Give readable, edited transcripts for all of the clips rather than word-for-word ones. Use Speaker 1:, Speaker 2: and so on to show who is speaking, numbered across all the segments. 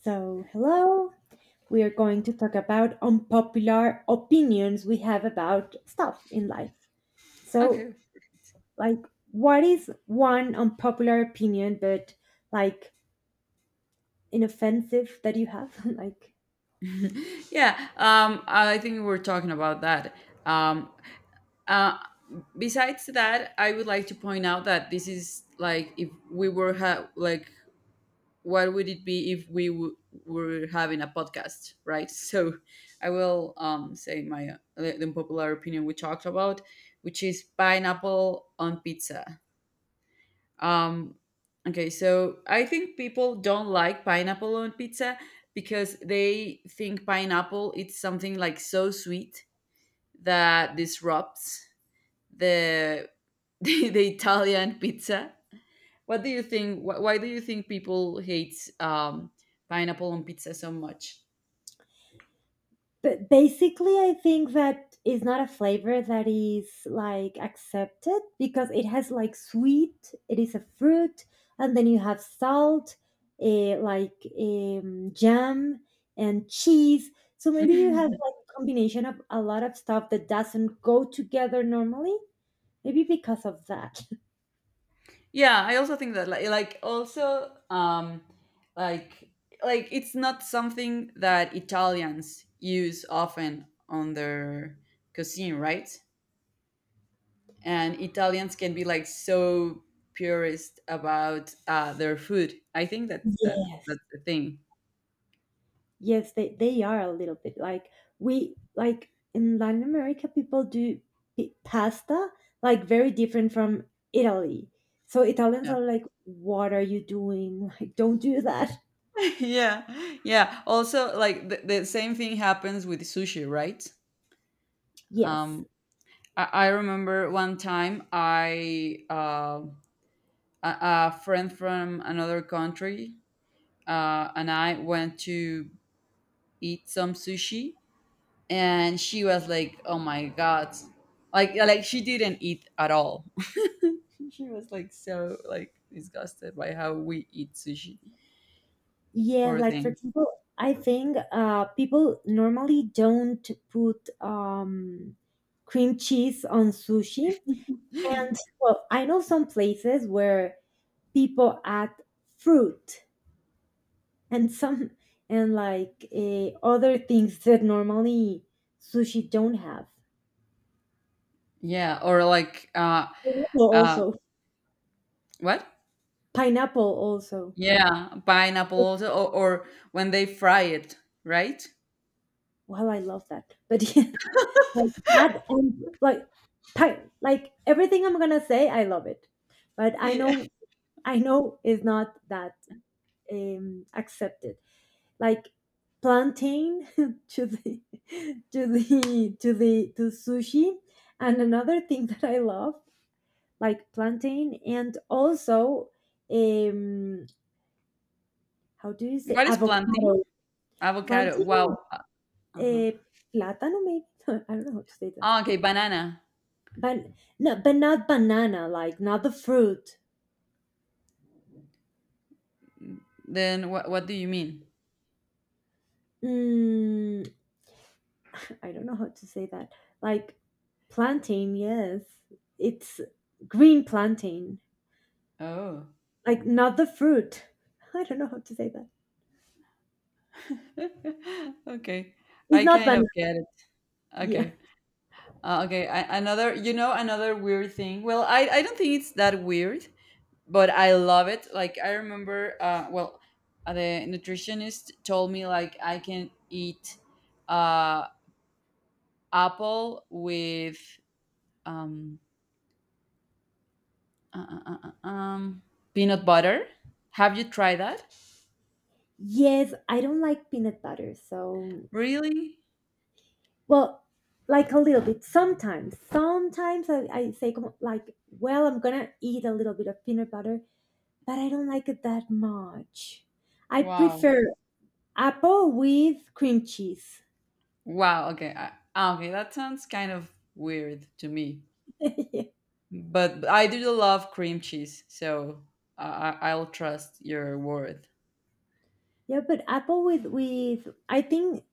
Speaker 1: So, hello. We are going to talk about unpopular opinions we have about stuff in life. So,
Speaker 2: Okay.
Speaker 1: like, what is one unpopular opinion, but like inoffensive that you have? Like,
Speaker 2: Yeah. I think we were talking about that. Um. Uh. Besides that, I would like to point out that this is like if we were like what would it be if we were having a podcast, right? So, I will say my the unpopular opinion we talked about, which is pineapple on pizza. Um, okay, so I think people don't like pineapple on pizza because they think pineapple it's something like so sweet that disrupts the the Italian pizza. What do you think? Why do you think people hate pineapple on pizza so much?
Speaker 1: but basically, I think that is not a flavor that is like accepted because it has like sweet, it is a fruit, and then you have salt, like jam and cheese. So maybe you have like a combination of a lot of stuff that doesn't go together normally. Maybe because of that.
Speaker 2: Yeah, I also think that like also like like it's not something that Italians use often on their cuisine, right? And Italians can be like so purist about their food. I think that, that
Speaker 1: Yes.
Speaker 2: that's the thing.
Speaker 1: Yes, they are a little bit like we, like in Latin America people do pasta like very different from Italy. So Italians
Speaker 2: Yeah.
Speaker 1: are like, "What are you doing? Like, don't do that."
Speaker 2: Yeah, yeah, also like the same thing happens with sushi, right?
Speaker 1: Yes,
Speaker 2: um I remember one time I a, a friend from another country, and I went to eat some sushi, and she was like, "Oh my god!" Like she didn't eat at all. She was like so like disgusted by how we eat sushi.
Speaker 1: yeah.
Speaker 2: Poor
Speaker 1: Like for
Speaker 2: thing.
Speaker 1: example, I think people normally don't put cream cheese on sushi, and well, I know some places where people add fruit and some, and like other things that normally sushi don't have.
Speaker 2: Yeah, or like,
Speaker 1: Pineapple
Speaker 2: uh
Speaker 1: also.
Speaker 2: what?
Speaker 1: Pineapple also.
Speaker 2: Yeah, pineapple also, or when they fry it, right?
Speaker 1: Well, I love that. But yeah, like that and like like everything I'm gonna say, I love it. But I
Speaker 2: Yeah.
Speaker 1: know I know is not that accepted. Like plantain to the to sushi. And another thing that I love, like plantain and also um how do you say
Speaker 2: What is
Speaker 1: avocado,
Speaker 2: planting? Avocado. Wow.
Speaker 1: plantain,
Speaker 2: Uh-huh.
Speaker 1: uh, plátano maybe. I don't know how to say that,
Speaker 2: Ah, okay, banana.
Speaker 1: but no, but not banana, like not the fruit.
Speaker 2: Then what do you mean?
Speaker 1: mm, I don't know how to say that. Like plantain, yes, it's green plantain,
Speaker 2: Oh.
Speaker 1: like not the fruit. I don't know how to say that.
Speaker 2: Okay.
Speaker 1: It's
Speaker 2: I
Speaker 1: not
Speaker 2: kind
Speaker 1: banana.
Speaker 2: of get it.
Speaker 1: Yeah,
Speaker 2: Okay. Okay, I, another you know another weird thing. Well, I don't think it's that weird, but I love it. Like I remember, well, the nutritionist told me like I can eat uh apple with um uh, uh, uh, uh, um peanut butter. Have you tried that?
Speaker 1: yes, I don't like peanut butter, so
Speaker 2: Really?
Speaker 1: well, like a little bit. Sometimes I say, come on, like, well, I'm gonna eat a little bit of peanut butter, but I don't like it that much. I
Speaker 2: Wow.
Speaker 1: prefer apple with cream cheese.
Speaker 2: Wow. Okay. Okay. That sounds kind of weird to me,
Speaker 1: Yeah,
Speaker 2: but I do love cream cheese, so I'll trust your word.
Speaker 1: yeah, but apple with I think,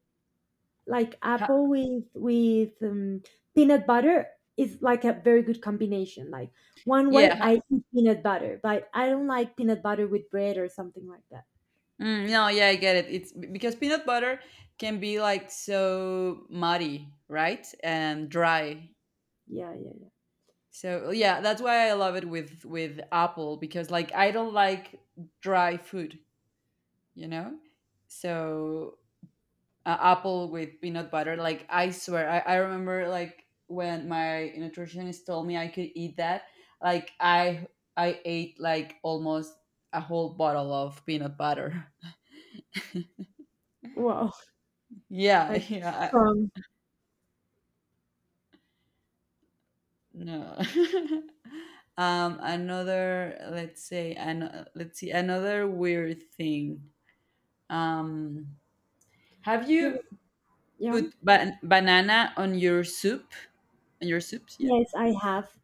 Speaker 1: like
Speaker 2: Ha,
Speaker 1: apple with peanut butter is like a very good combination. Like one
Speaker 2: yeah.
Speaker 1: way I eat peanut butter, but I don't like peanut butter with bread or something like that.
Speaker 2: No. Yeah. I get it. It's because peanut butter can be like so muddy, right, and dry.
Speaker 1: Yeah, yeah, yeah.
Speaker 2: So yeah, that's why I love it with apple because like I don't like dry food, you know. So apple with peanut butter. Like I swear, I remember like when my nutritionist told me I could eat that. Like I ate like almost a whole bottle of peanut butter.
Speaker 1: Wow,
Speaker 2: Yeah,
Speaker 1: like
Speaker 2: yeah.
Speaker 1: strong.
Speaker 2: No. Another let's say an let's see another weird thing. Um, have
Speaker 1: Yeah,
Speaker 2: you
Speaker 1: yeah.
Speaker 2: put banana on your soup? On your soups, yeah.
Speaker 1: Yes, I have.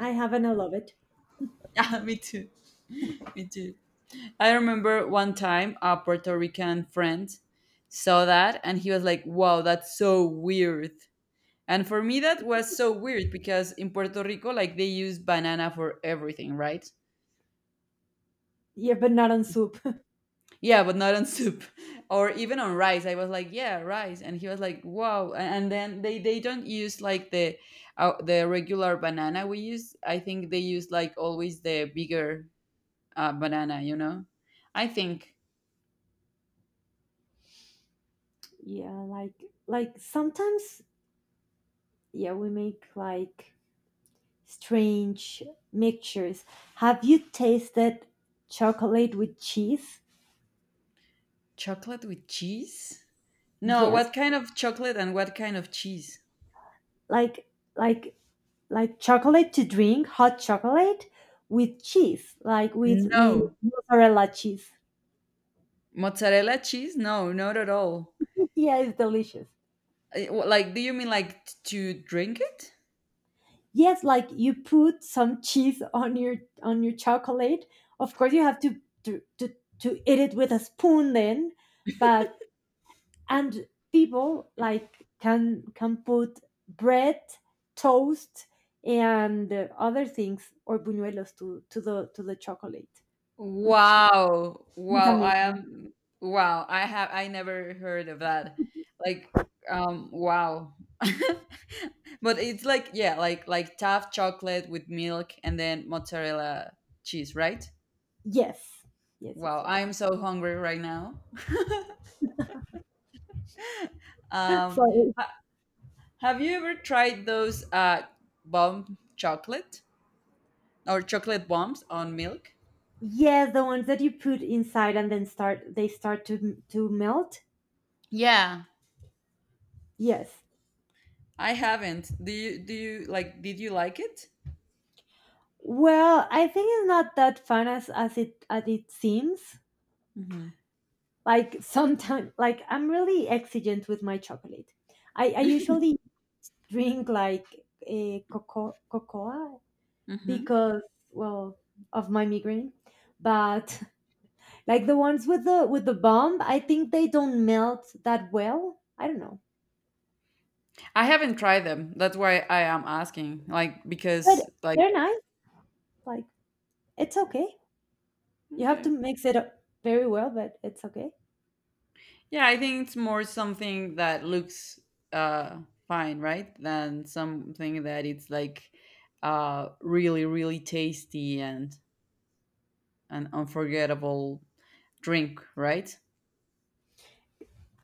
Speaker 1: I have and I love it.
Speaker 2: Yeah, me too. Me too. I remember one time a Puerto Rican friend saw that and he was like, wow, that's so weird. And for me, that was so weird because in Puerto Rico, like they use banana for everything, right?
Speaker 1: Yeah, but not on soup.
Speaker 2: Yeah, but not on soup. Or even on rice. I was like, yeah, rice. And he was like, wow. And then they don't use like the regular banana we use. I think they use like always the bigger banana, you know? I think.
Speaker 1: Yeah, like sometimes, yeah, we make like strange mixtures. Have you tasted chocolate with cheese?
Speaker 2: Chocolate with cheese? No,
Speaker 1: Yes.
Speaker 2: what kind of chocolate and what kind of cheese?
Speaker 1: Like like like chocolate to drink, hot chocolate with cheese, like with
Speaker 2: No.
Speaker 1: mozzarella cheese.
Speaker 2: Mozzarella cheese? No, not at all.
Speaker 1: Yeah, it's delicious.
Speaker 2: Like, do you mean like to drink it?
Speaker 1: Yes, like you put some cheese on your chocolate. Of course you have to eat it with a spoon then. But and people, like, can put bread, toast, and other things, or buñuelos, to the chocolate, which
Speaker 2: Wow.
Speaker 1: is
Speaker 2: Wow, I
Speaker 1: amazing.
Speaker 2: am wow, I have I never heard of that. Like wow. But it's like, yeah, like tough chocolate with milk and then mozzarella cheese, right?
Speaker 1: Yes, yes, yes,
Speaker 2: Wow,
Speaker 1: yes,
Speaker 2: I'm so hungry right now. Um,
Speaker 1: so
Speaker 2: h- Have you ever tried those bomb chocolate or chocolate bombs on milk?
Speaker 1: yes, the ones that you put inside and then start they start to melt.
Speaker 2: Yeah.
Speaker 1: Yes.
Speaker 2: I haven't. Do you like? Did you like it?
Speaker 1: Well, I think it's not that fun as it seems.
Speaker 2: hmm
Speaker 1: Like sometimes, like I'm really exigent with my chocolate. I usually drink like a cocoa
Speaker 2: hmm
Speaker 1: because, well, of my migraine, but like the ones with the bomb, I think they don't melt that well. I don't know,
Speaker 2: I haven't tried them. That's why I am asking. Like
Speaker 1: but
Speaker 2: because like,
Speaker 1: they're nice. Like, it's okay. You have to
Speaker 2: okay,
Speaker 1: mix it up very well, but it's okay.
Speaker 2: yeah. I think it's more something that looks uh fine, right? Than something that it's like really really tasty and an unforgettable drink, right?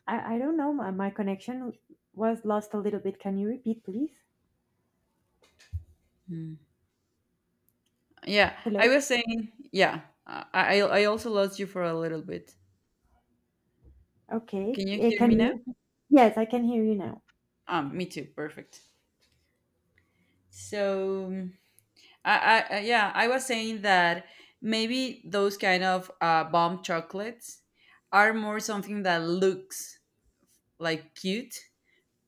Speaker 1: I don't know. My connection was lost a little bit. Can you repeat, please?
Speaker 2: Yeah, I
Speaker 1: Hello?
Speaker 2: was saying, yeah, I I also lost you for a little bit.
Speaker 1: Okay.
Speaker 2: Can you hear
Speaker 1: Can
Speaker 2: me now?
Speaker 1: you? Yes, I can hear you now.
Speaker 2: Me too. Perfect. So, yeah, I was saying that maybe those kind of bomb chocolates are more something that looks like cute,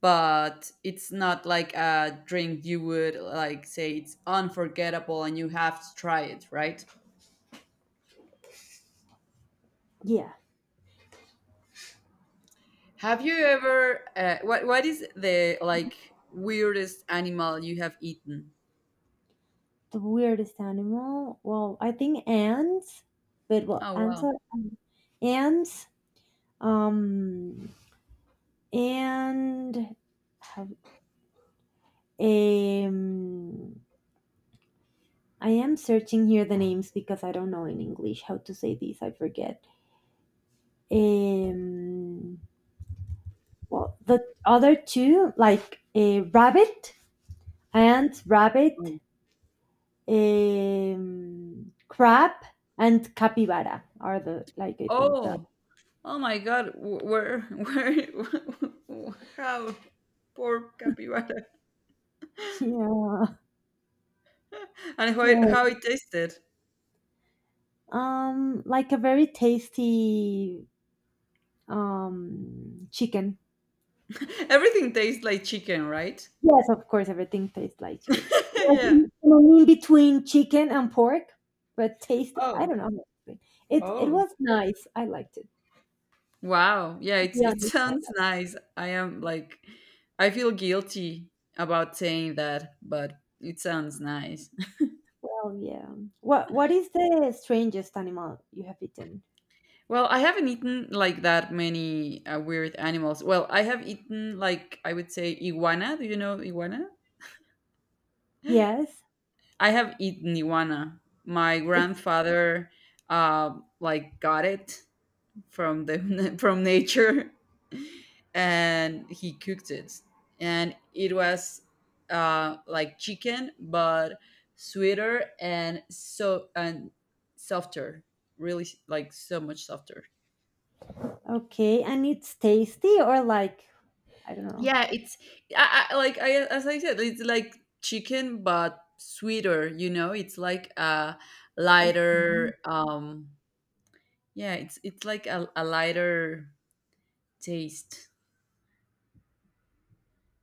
Speaker 2: but it's not like a drink you would like say it's unforgettable and you have to try it, right?
Speaker 1: Yeah.
Speaker 2: Have you ever what is the like weirdest animal you have eaten?
Speaker 1: The weirdest animal. Well, I think ants. But, well,
Speaker 2: Oh,
Speaker 1: ants
Speaker 2: wow.
Speaker 1: are ants. Um, and have um. I am searching here the names because I don't know in English how to say these. I forget. Um. Well, the other two, like a rabbit and
Speaker 2: Oh.
Speaker 1: rabbit, crab, and capybara are the, like, I think that
Speaker 2: Oh, oh my God. Where where, how poor capybara.
Speaker 1: yeah,
Speaker 2: And how it,
Speaker 1: yeah,
Speaker 2: how it tasted.
Speaker 1: like a very tasty chicken.
Speaker 2: Everything tastes like chicken, right?
Speaker 1: Yes, of course, everything tastes like chicken. Like in,
Speaker 2: Yeah.
Speaker 1: in between chicken and pork, but tasty. I
Speaker 2: Oh.
Speaker 1: don't know how to explain. It
Speaker 2: Oh.
Speaker 1: was nice. I liked it.
Speaker 2: Wow. Yeah,
Speaker 1: To be
Speaker 2: it
Speaker 1: honest,
Speaker 2: sounds nice. I am like I feel guilty about saying that, but it sounds nice.
Speaker 1: well, yeah. What is the strangest animal you have eaten?
Speaker 2: Well, I haven't eaten like that many weird animals. Well, I have eaten like I would say iguana. Do you know iguana?
Speaker 1: Yes.
Speaker 2: I have eaten iguana. My
Speaker 1: It's.
Speaker 2: grandfather like got it from the from nature, and he cooked it, and it was like chicken but sweeter and so and softer. Really, like so much softer.
Speaker 1: Okay, and it's tasty, or like, I don't know.
Speaker 2: Yeah, it's I, like I as I said, it's like chicken but sweeter. You know, it's like a
Speaker 1: Okay.
Speaker 2: lighter. Yeah, it's like a lighter taste.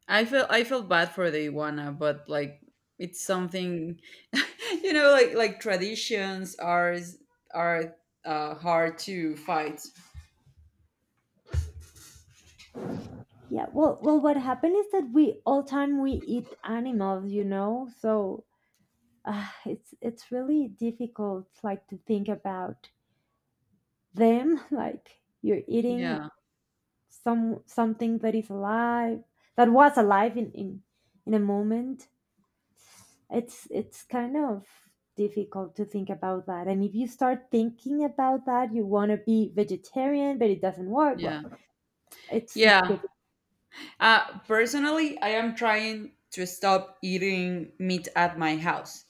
Speaker 2: I feel bad for the iguana, but like it's something, you know, like traditions are hard to fight.
Speaker 1: Yeah. Well, what happened is that we all time we eat animals. You know. So it's really difficult, like to think about them. Like you're eating
Speaker 2: Yeah,
Speaker 1: something that is alive, that was alive in in a moment. It's kind of difficult to think about that. And if you start thinking about that, you want to be vegetarian, but it doesn't work. Well,
Speaker 2: yeah,
Speaker 1: It's deli
Speaker 2: yeah. Personally, I am trying to stop eating meat at my house.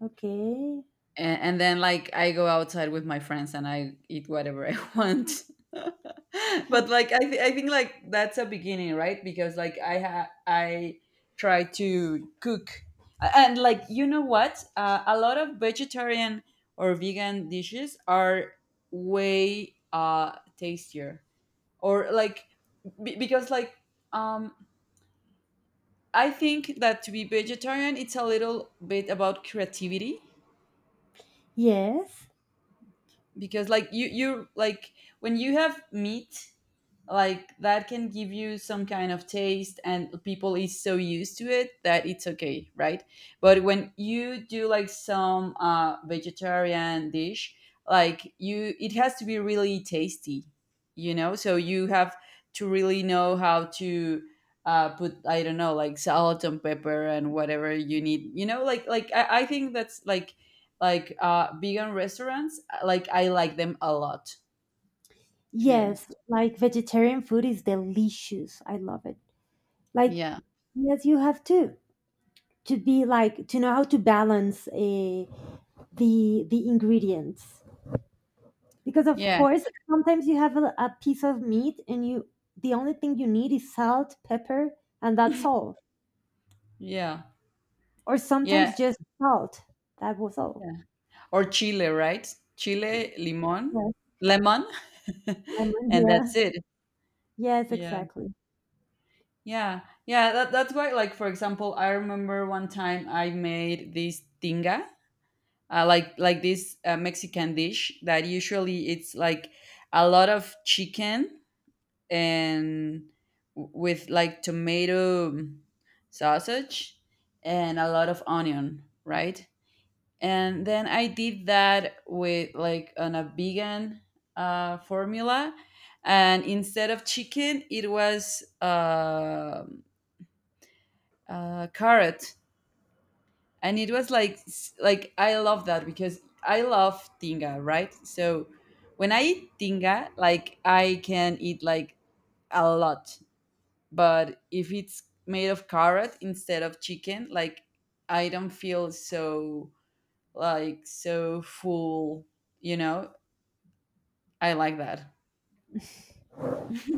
Speaker 1: okay.
Speaker 2: And then like I go outside with my friends and I eat whatever I want. But like I think like that's a beginning, right? Because like I try to cook, and like, you know what, a lot of vegetarian or vegan dishes are way tastier, or like, because like, um I think that to be vegetarian, it's a little bit about creativity.
Speaker 1: Yes.
Speaker 2: Because like you like when you have meat, like that can give you some kind of taste, and people is so used to it that it's okay, right? But when you do like some vegetarian dish, like you it has to be really tasty, you know. So you have to really know how to put, I don't know, like salt and pepper and whatever you need, you know, like I think that's like vegan restaurants, like I like them a lot, to be
Speaker 1: Yes,
Speaker 2: honest.
Speaker 1: like vegetarian food is delicious. I love it. Like,
Speaker 2: Yeah,
Speaker 1: yes, you have to be, like, to know how to balance the ingredients, because of
Speaker 2: yeah,
Speaker 1: course sometimes you have a piece of meat and you, the only thing you need is salt, pepper, and that's all.
Speaker 2: yeah,
Speaker 1: Or
Speaker 2: yeah,
Speaker 1: sometimes just salt. That was all.
Speaker 2: yeah. Or chile, right? Chile limon,
Speaker 1: Yes,
Speaker 2: lemon.
Speaker 1: lemon.
Speaker 2: And
Speaker 1: Yeah.
Speaker 2: that's it.
Speaker 1: Yes,
Speaker 2: Yeah,
Speaker 1: exactly.
Speaker 2: yeah, yeah, that's why, like, for example, I remember one time I made this tinga, like this Mexican dish that usually it's like a lot of chicken, and with like tomato sausage and a lot of onion, right? And then I did that with like on a vegan formula, and instead of chicken, it was carrot, and it was like like I love that because I love tinga, right? So when I eat tinga, like I can eat like a lot, but if it's made of carrot instead of chicken, like I don't feel so, like, so full, you know. I like that.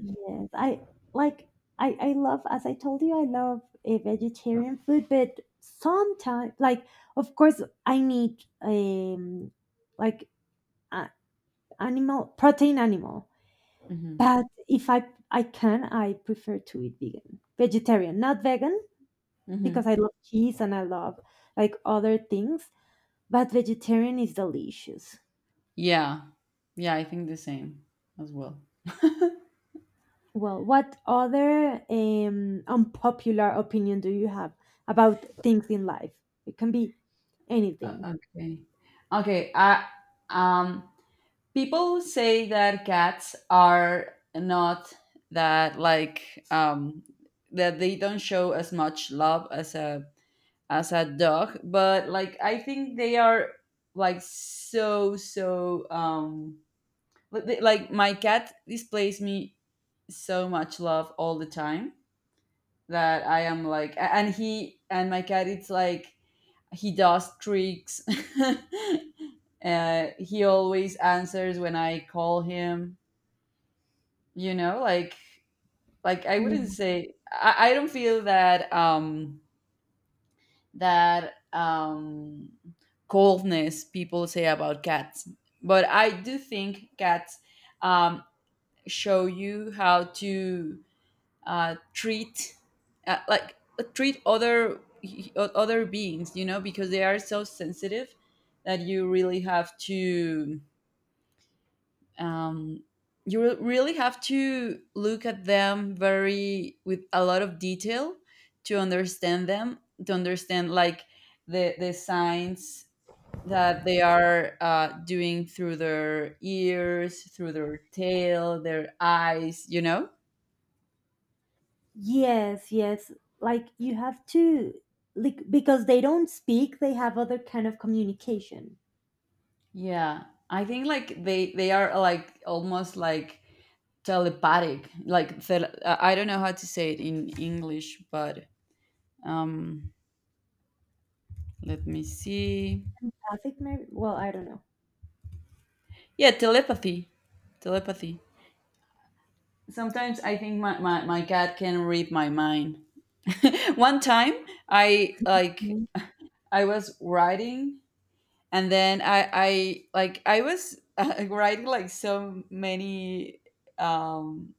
Speaker 1: Yes, I like I love, as I told you, I love a vegetarian food, but sometimes, like, of course I need like a, animal protein, animal,
Speaker 2: Hmm,
Speaker 1: but if I can, I prefer to eat vegan, vegetarian, not vegan,
Speaker 2: hmm.
Speaker 1: because I love cheese and I love like other things, but vegetarian is delicious.
Speaker 2: Yeah, yeah, I think the same as well.
Speaker 1: Well, what other unpopular opinion do you have about things in life? It can be anything.
Speaker 2: Okay, okay. I um People say that cats are not that like that they don't show as much love as a dog, but like I think they are, like, so like my cat displays me so much love all the time, that I am, like, and my cat, it's like he does tricks. He always answers when I call him, you know, like I wouldn't
Speaker 1: Yeah.
Speaker 2: say I don't feel that that um coldness people say about cats. But I do think cats um, show you how to uh, treat uh, like treat other beings, you know, because they are so sensitive that you really have to, um, look at them very with a lot of detail to understand them, to understand like the signs that they are doing through their ears, through their tail, their eyes, you know?
Speaker 1: Yes, yes. Like you have to, like because they don't speak, they have other kind of communication.
Speaker 2: Yeah. I think like they are like almost like telepathic. Like I don't know how to say it in English, but um let me see.
Speaker 1: Traffic, maybe. Well, I don't know.
Speaker 2: Yeah, telepathy. Telepathy. Sometimes I think my cat can read my mind. One time, I like
Speaker 1: Mhm.
Speaker 2: I was writing. And then I like I was writing like so many, um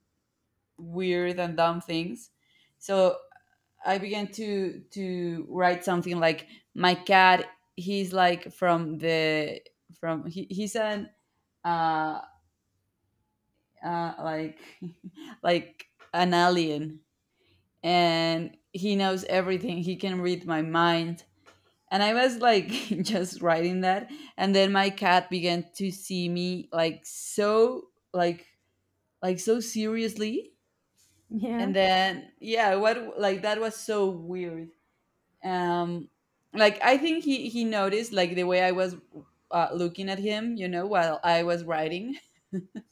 Speaker 2: weird and dumb things. So I began to write something, like, my cat, he's like, from, he's an, uh like, like an alien. And he knows everything. He can read my mind. And I was like, just writing that. And then my cat began to see me, like so, like so seriously.
Speaker 1: Yeah,
Speaker 2: And then, yeah, what, like, that was so weird. um like, I think he noticed, like, the way I was, looking at him, while I was writing.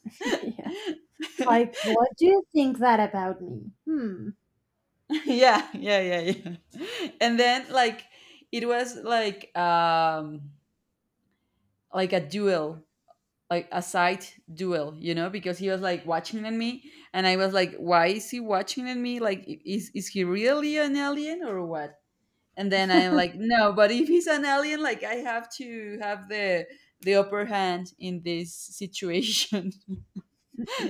Speaker 1: yeah.
Speaker 2: Yeah,
Speaker 1: Like, what do you think that about me? Hmm.
Speaker 2: yeah, yeah, yeah. And then, like, it was like, like a duel. Like a side duel, because he was like watching at me. And I was like, "Why is he watching at me? Like, is he really an alien or what?" And then I'm like, "No, but if he's an alien, like, I have to have the upper hand in this situation."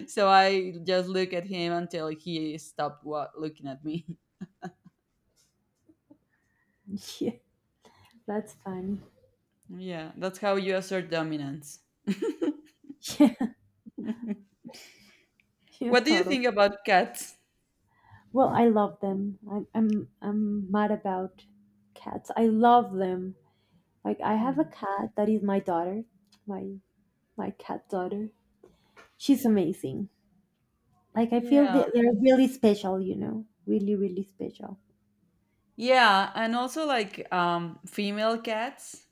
Speaker 2: So I just look at him until he stopped looking at me.
Speaker 1: Yeah, that's funny.
Speaker 2: Yeah, that's how you assert dominance.
Speaker 1: Yeah, yeah,
Speaker 2: What do you
Speaker 1: totally.
Speaker 2: think about cats?
Speaker 1: Well, I love them. I'm mad about cats. I love them. Like I have a
Speaker 2: Hmm.
Speaker 1: cat that is my daughter, my my cat daughter. She's amazing. Like I feel
Speaker 2: Yeah.
Speaker 1: that they're really special, really really special.
Speaker 2: Yeah, and also, like, female cats,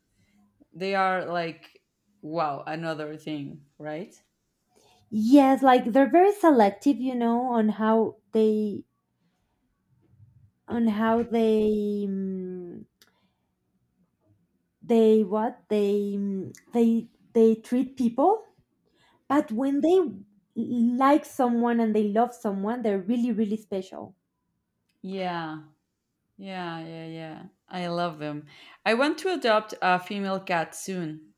Speaker 2: they are like, wow, another thing, right?
Speaker 1: Yes, like they're very selective, on how they they what they they treat people. But when they like someone and they love someone, they're really really special.
Speaker 2: Yeah. Yeah, yeah, yeah. I love them. I want to adopt a female cat soon.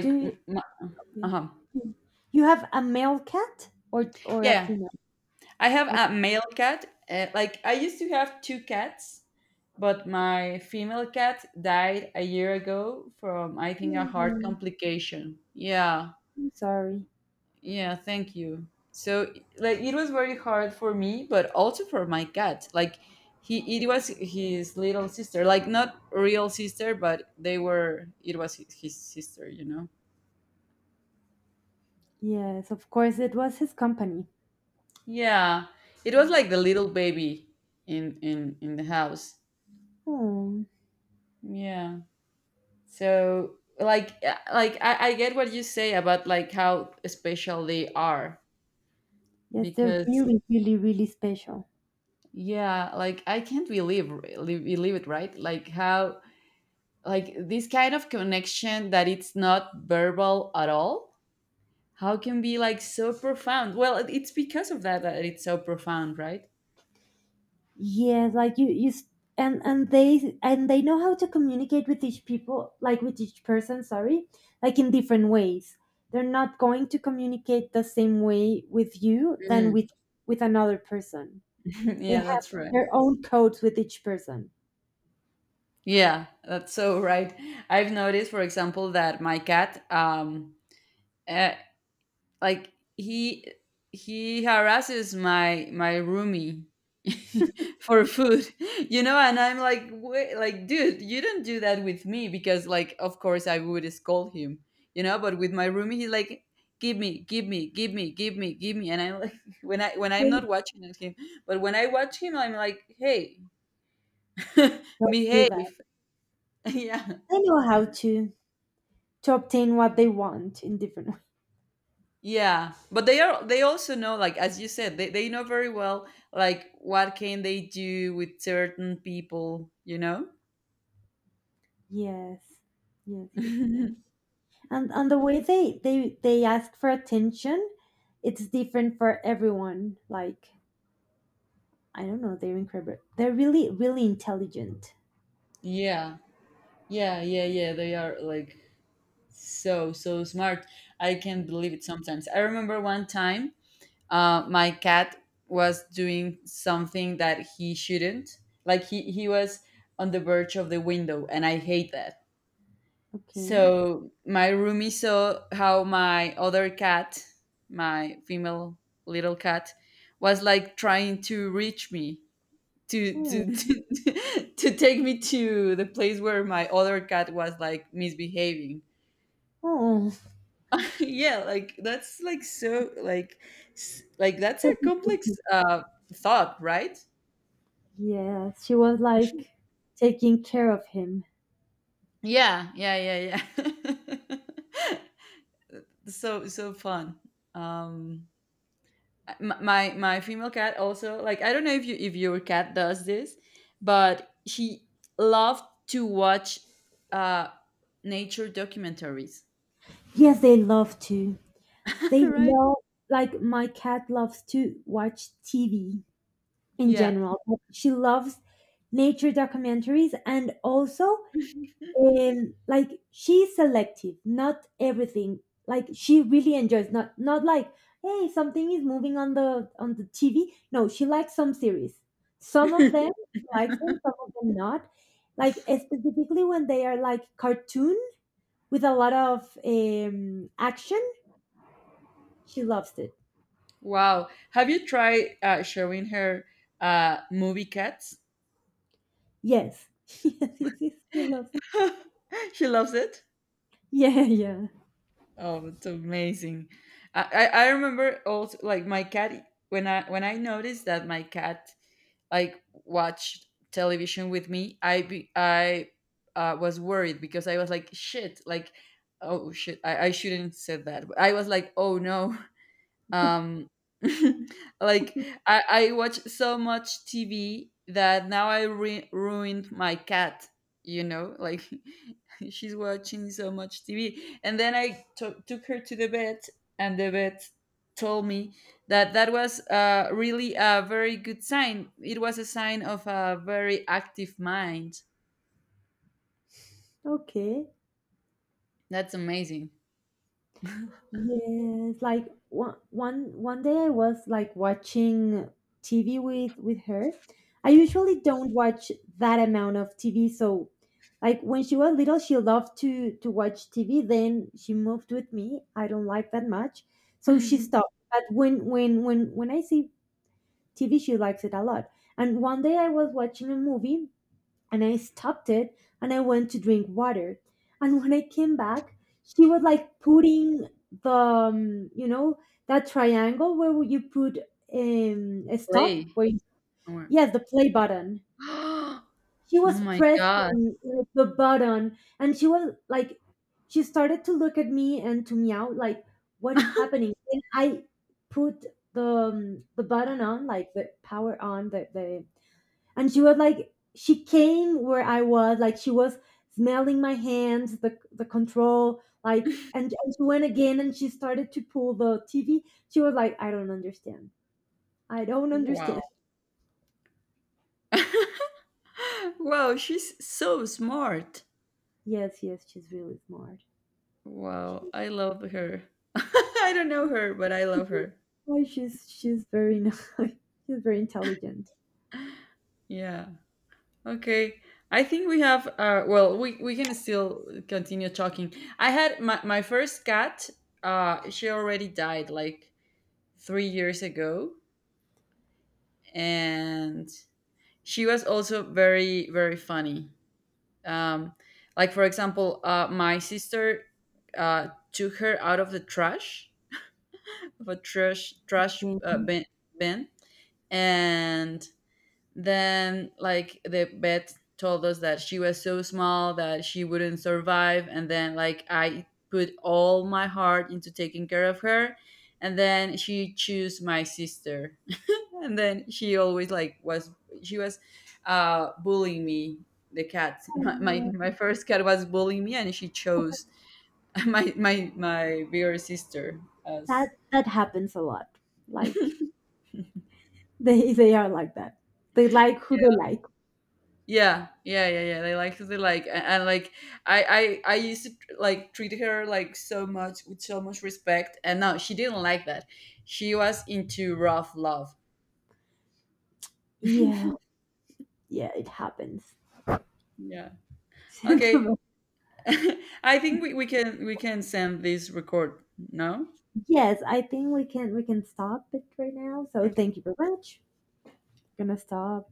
Speaker 1: Do you okay.
Speaker 2: uh-huh.
Speaker 1: Hmm. You have a male cat or a
Speaker 2: Yeah,
Speaker 1: female?
Speaker 2: I have
Speaker 1: Okay.
Speaker 2: a male cat. Like I used to have two cats, but my female cat died a year ago from, I think, a heart
Speaker 1: Oh,
Speaker 2: complication. Yeah.
Speaker 1: I'm sorry.
Speaker 2: Yeah, thank you. So, like, it was very hard for me, but also for my cat. Like, he it was his little sister. Like, not real sister, but they were it was his sister.
Speaker 1: Yes, of course it was his company.
Speaker 2: Yeah. It was like the little baby in the house.
Speaker 1: Oh,
Speaker 2: Yeah. So, like, like, I get what you say about like how special they are,
Speaker 1: yes, they're
Speaker 2: because,
Speaker 1: really, really, really special.
Speaker 2: yeah, like, I can't believe it, right? Like how, like, this kind of connection that it's not verbal at all, how can be like so profound. Well, it's because of that, that it's so profound, right?
Speaker 1: Yes, like you, and they know how to communicate with each people, like with each person. Sorry, like in different ways. They're not going to communicate the same way with you than
Speaker 2: Mm.
Speaker 1: with another person. They
Speaker 2: Yeah,
Speaker 1: have
Speaker 2: that's right.
Speaker 1: their own codes with each person.
Speaker 2: Yeah, that's so right. I've noticed, for example, that my cat, uh, like, he harasses my roomie, for food. And I'm like, wait, like, dude, you don't do that with me because, like, of course I would scold him, but with my roomie, he's like, give me, give me, give me, give me, give me. And I'm like, when I when I'm
Speaker 1: They
Speaker 2: not watching at him. But when I watch him, I'm like, hey,
Speaker 1: Don't do that.
Speaker 2: behave. Yeah.
Speaker 1: They know how to obtain what they want in different ways.
Speaker 2: Yeah, but they also know, like, as you said, they know very well like what can they do with certain people?
Speaker 1: Yes. Yes, yes, yes. And the way they ask for attention, it's different for everyone. Like, I don't know, they're incredible. They're really really intelligent.
Speaker 2: Yeah. Yeah, yeah, yeah, they are like so so smart. I can't believe it sometimes. I remember one time, my cat was doing something that he shouldn't. Like he was on the verge of the window, and I hate that.
Speaker 1: Okay.
Speaker 2: So my roomie saw how my other cat, my female little cat, was like trying to reach me,
Speaker 1: Oh,
Speaker 2: to to take me to the place where my other cat was like misbehaving.
Speaker 1: oh.
Speaker 2: Yeah, like, that's like so, like, like that's
Speaker 1: So
Speaker 2: a complex,
Speaker 1: protective.
Speaker 2: thought, right?
Speaker 1: Yes, she was like taking care of him.
Speaker 2: Yeah, yeah, yeah, yeah. So so fun. Um my female cat also, like, I don't know, if you if your cat does this, but she loved to watch, uh nature documentaries.
Speaker 1: Yes, they love to. They
Speaker 2: Right.
Speaker 1: love Like my cat loves to watch TV in
Speaker 2: Yeah.
Speaker 1: general. But she loves nature documentaries and also like she's selective, not everything. Like she really enjoys, not like, hey, something is moving on the TV. No, she likes some series. Some of them she likes them, some of them not. Like specifically when they are like cartoon with a lot of action, she loves it.
Speaker 2: Wow, have you tried, showing her, movie cats?
Speaker 1: Yes, yes, yes, yes, she loves.
Speaker 2: She loves it.
Speaker 1: Yeah, yeah.
Speaker 2: Oh, it's amazing. I remember also, like, my cat, when I noticed that my cat, like, watched television with me, I was worried, because I was like, shit, like, oh shit, I shouldn't said that. I was like, oh no, um like, I watch so much TV that now I ruined my cat, like she's watching so much TV. And then I took her to the vet, and the vet told me that that was, really a very good sign. It was a sign of a very active mind.
Speaker 1: Okay.
Speaker 2: That's amazing.
Speaker 1: Yes, like one day I was like watching TV with her. I usually don't watch that amount of TV, so like when she was little, she loved to watch TV. Then she moved with me. I don't like that much, so she stopped. But when I see TV, she likes it a lot. And one day I was watching a movie, and I stopped it and I went to drink water. And when I came back, she was like putting the, that triangle where you put a stop,
Speaker 2: Play
Speaker 1: where you,
Speaker 2: more.
Speaker 1: yes, the play button.
Speaker 2: Oh
Speaker 1: She was
Speaker 2: my god.
Speaker 1: pressing like, the button, and she started to look at me and to meow, like, what is happening? And I put the button on, like the power on, the and she was like, she came where I was, like she was smelling my hands, the control, like, and she went again and she started to pull the TV. She was like, I don't understand, I don't
Speaker 2: Wow.
Speaker 1: understand.
Speaker 2: Wow, she's so smart.
Speaker 1: Yes, yes, she's really smart.
Speaker 2: Wow,
Speaker 1: She-
Speaker 2: I love her. I don't know her, but I love her.
Speaker 1: oh, she's very nice, she's very intelligent.
Speaker 2: Yeah. Okay. I think we can still continue talking. I had my first cat, she already died like 3 years ago, and she was also very very funny. Um like, for example, my sister took her out of the trash, of a trash trash
Speaker 1: Thank
Speaker 2: uh, bin, and then, like, the vet told us that she was so small that she wouldn't survive. And then, like, I put all my heart into taking care of her, and then she chose my sister. And then she was, bullying me, the cat. my, my,
Speaker 1: you.
Speaker 2: my first cat was bullying me, and she chose, my bigger sister, as—
Speaker 1: That happens a lot. Like they are like that, they like who they like.
Speaker 2: Yeah, yeah, yeah, yeah. They like who they like. And, like, I used to, like, treat her like so much, with so much respect, and no, she didn't like that. She was into rough love.
Speaker 1: Yeah, yeah, it happens.
Speaker 2: Yeah. Okay. I think we can send this record, no?
Speaker 1: Yes, I think we can stop it right now. So thank you very much. Gonna stop.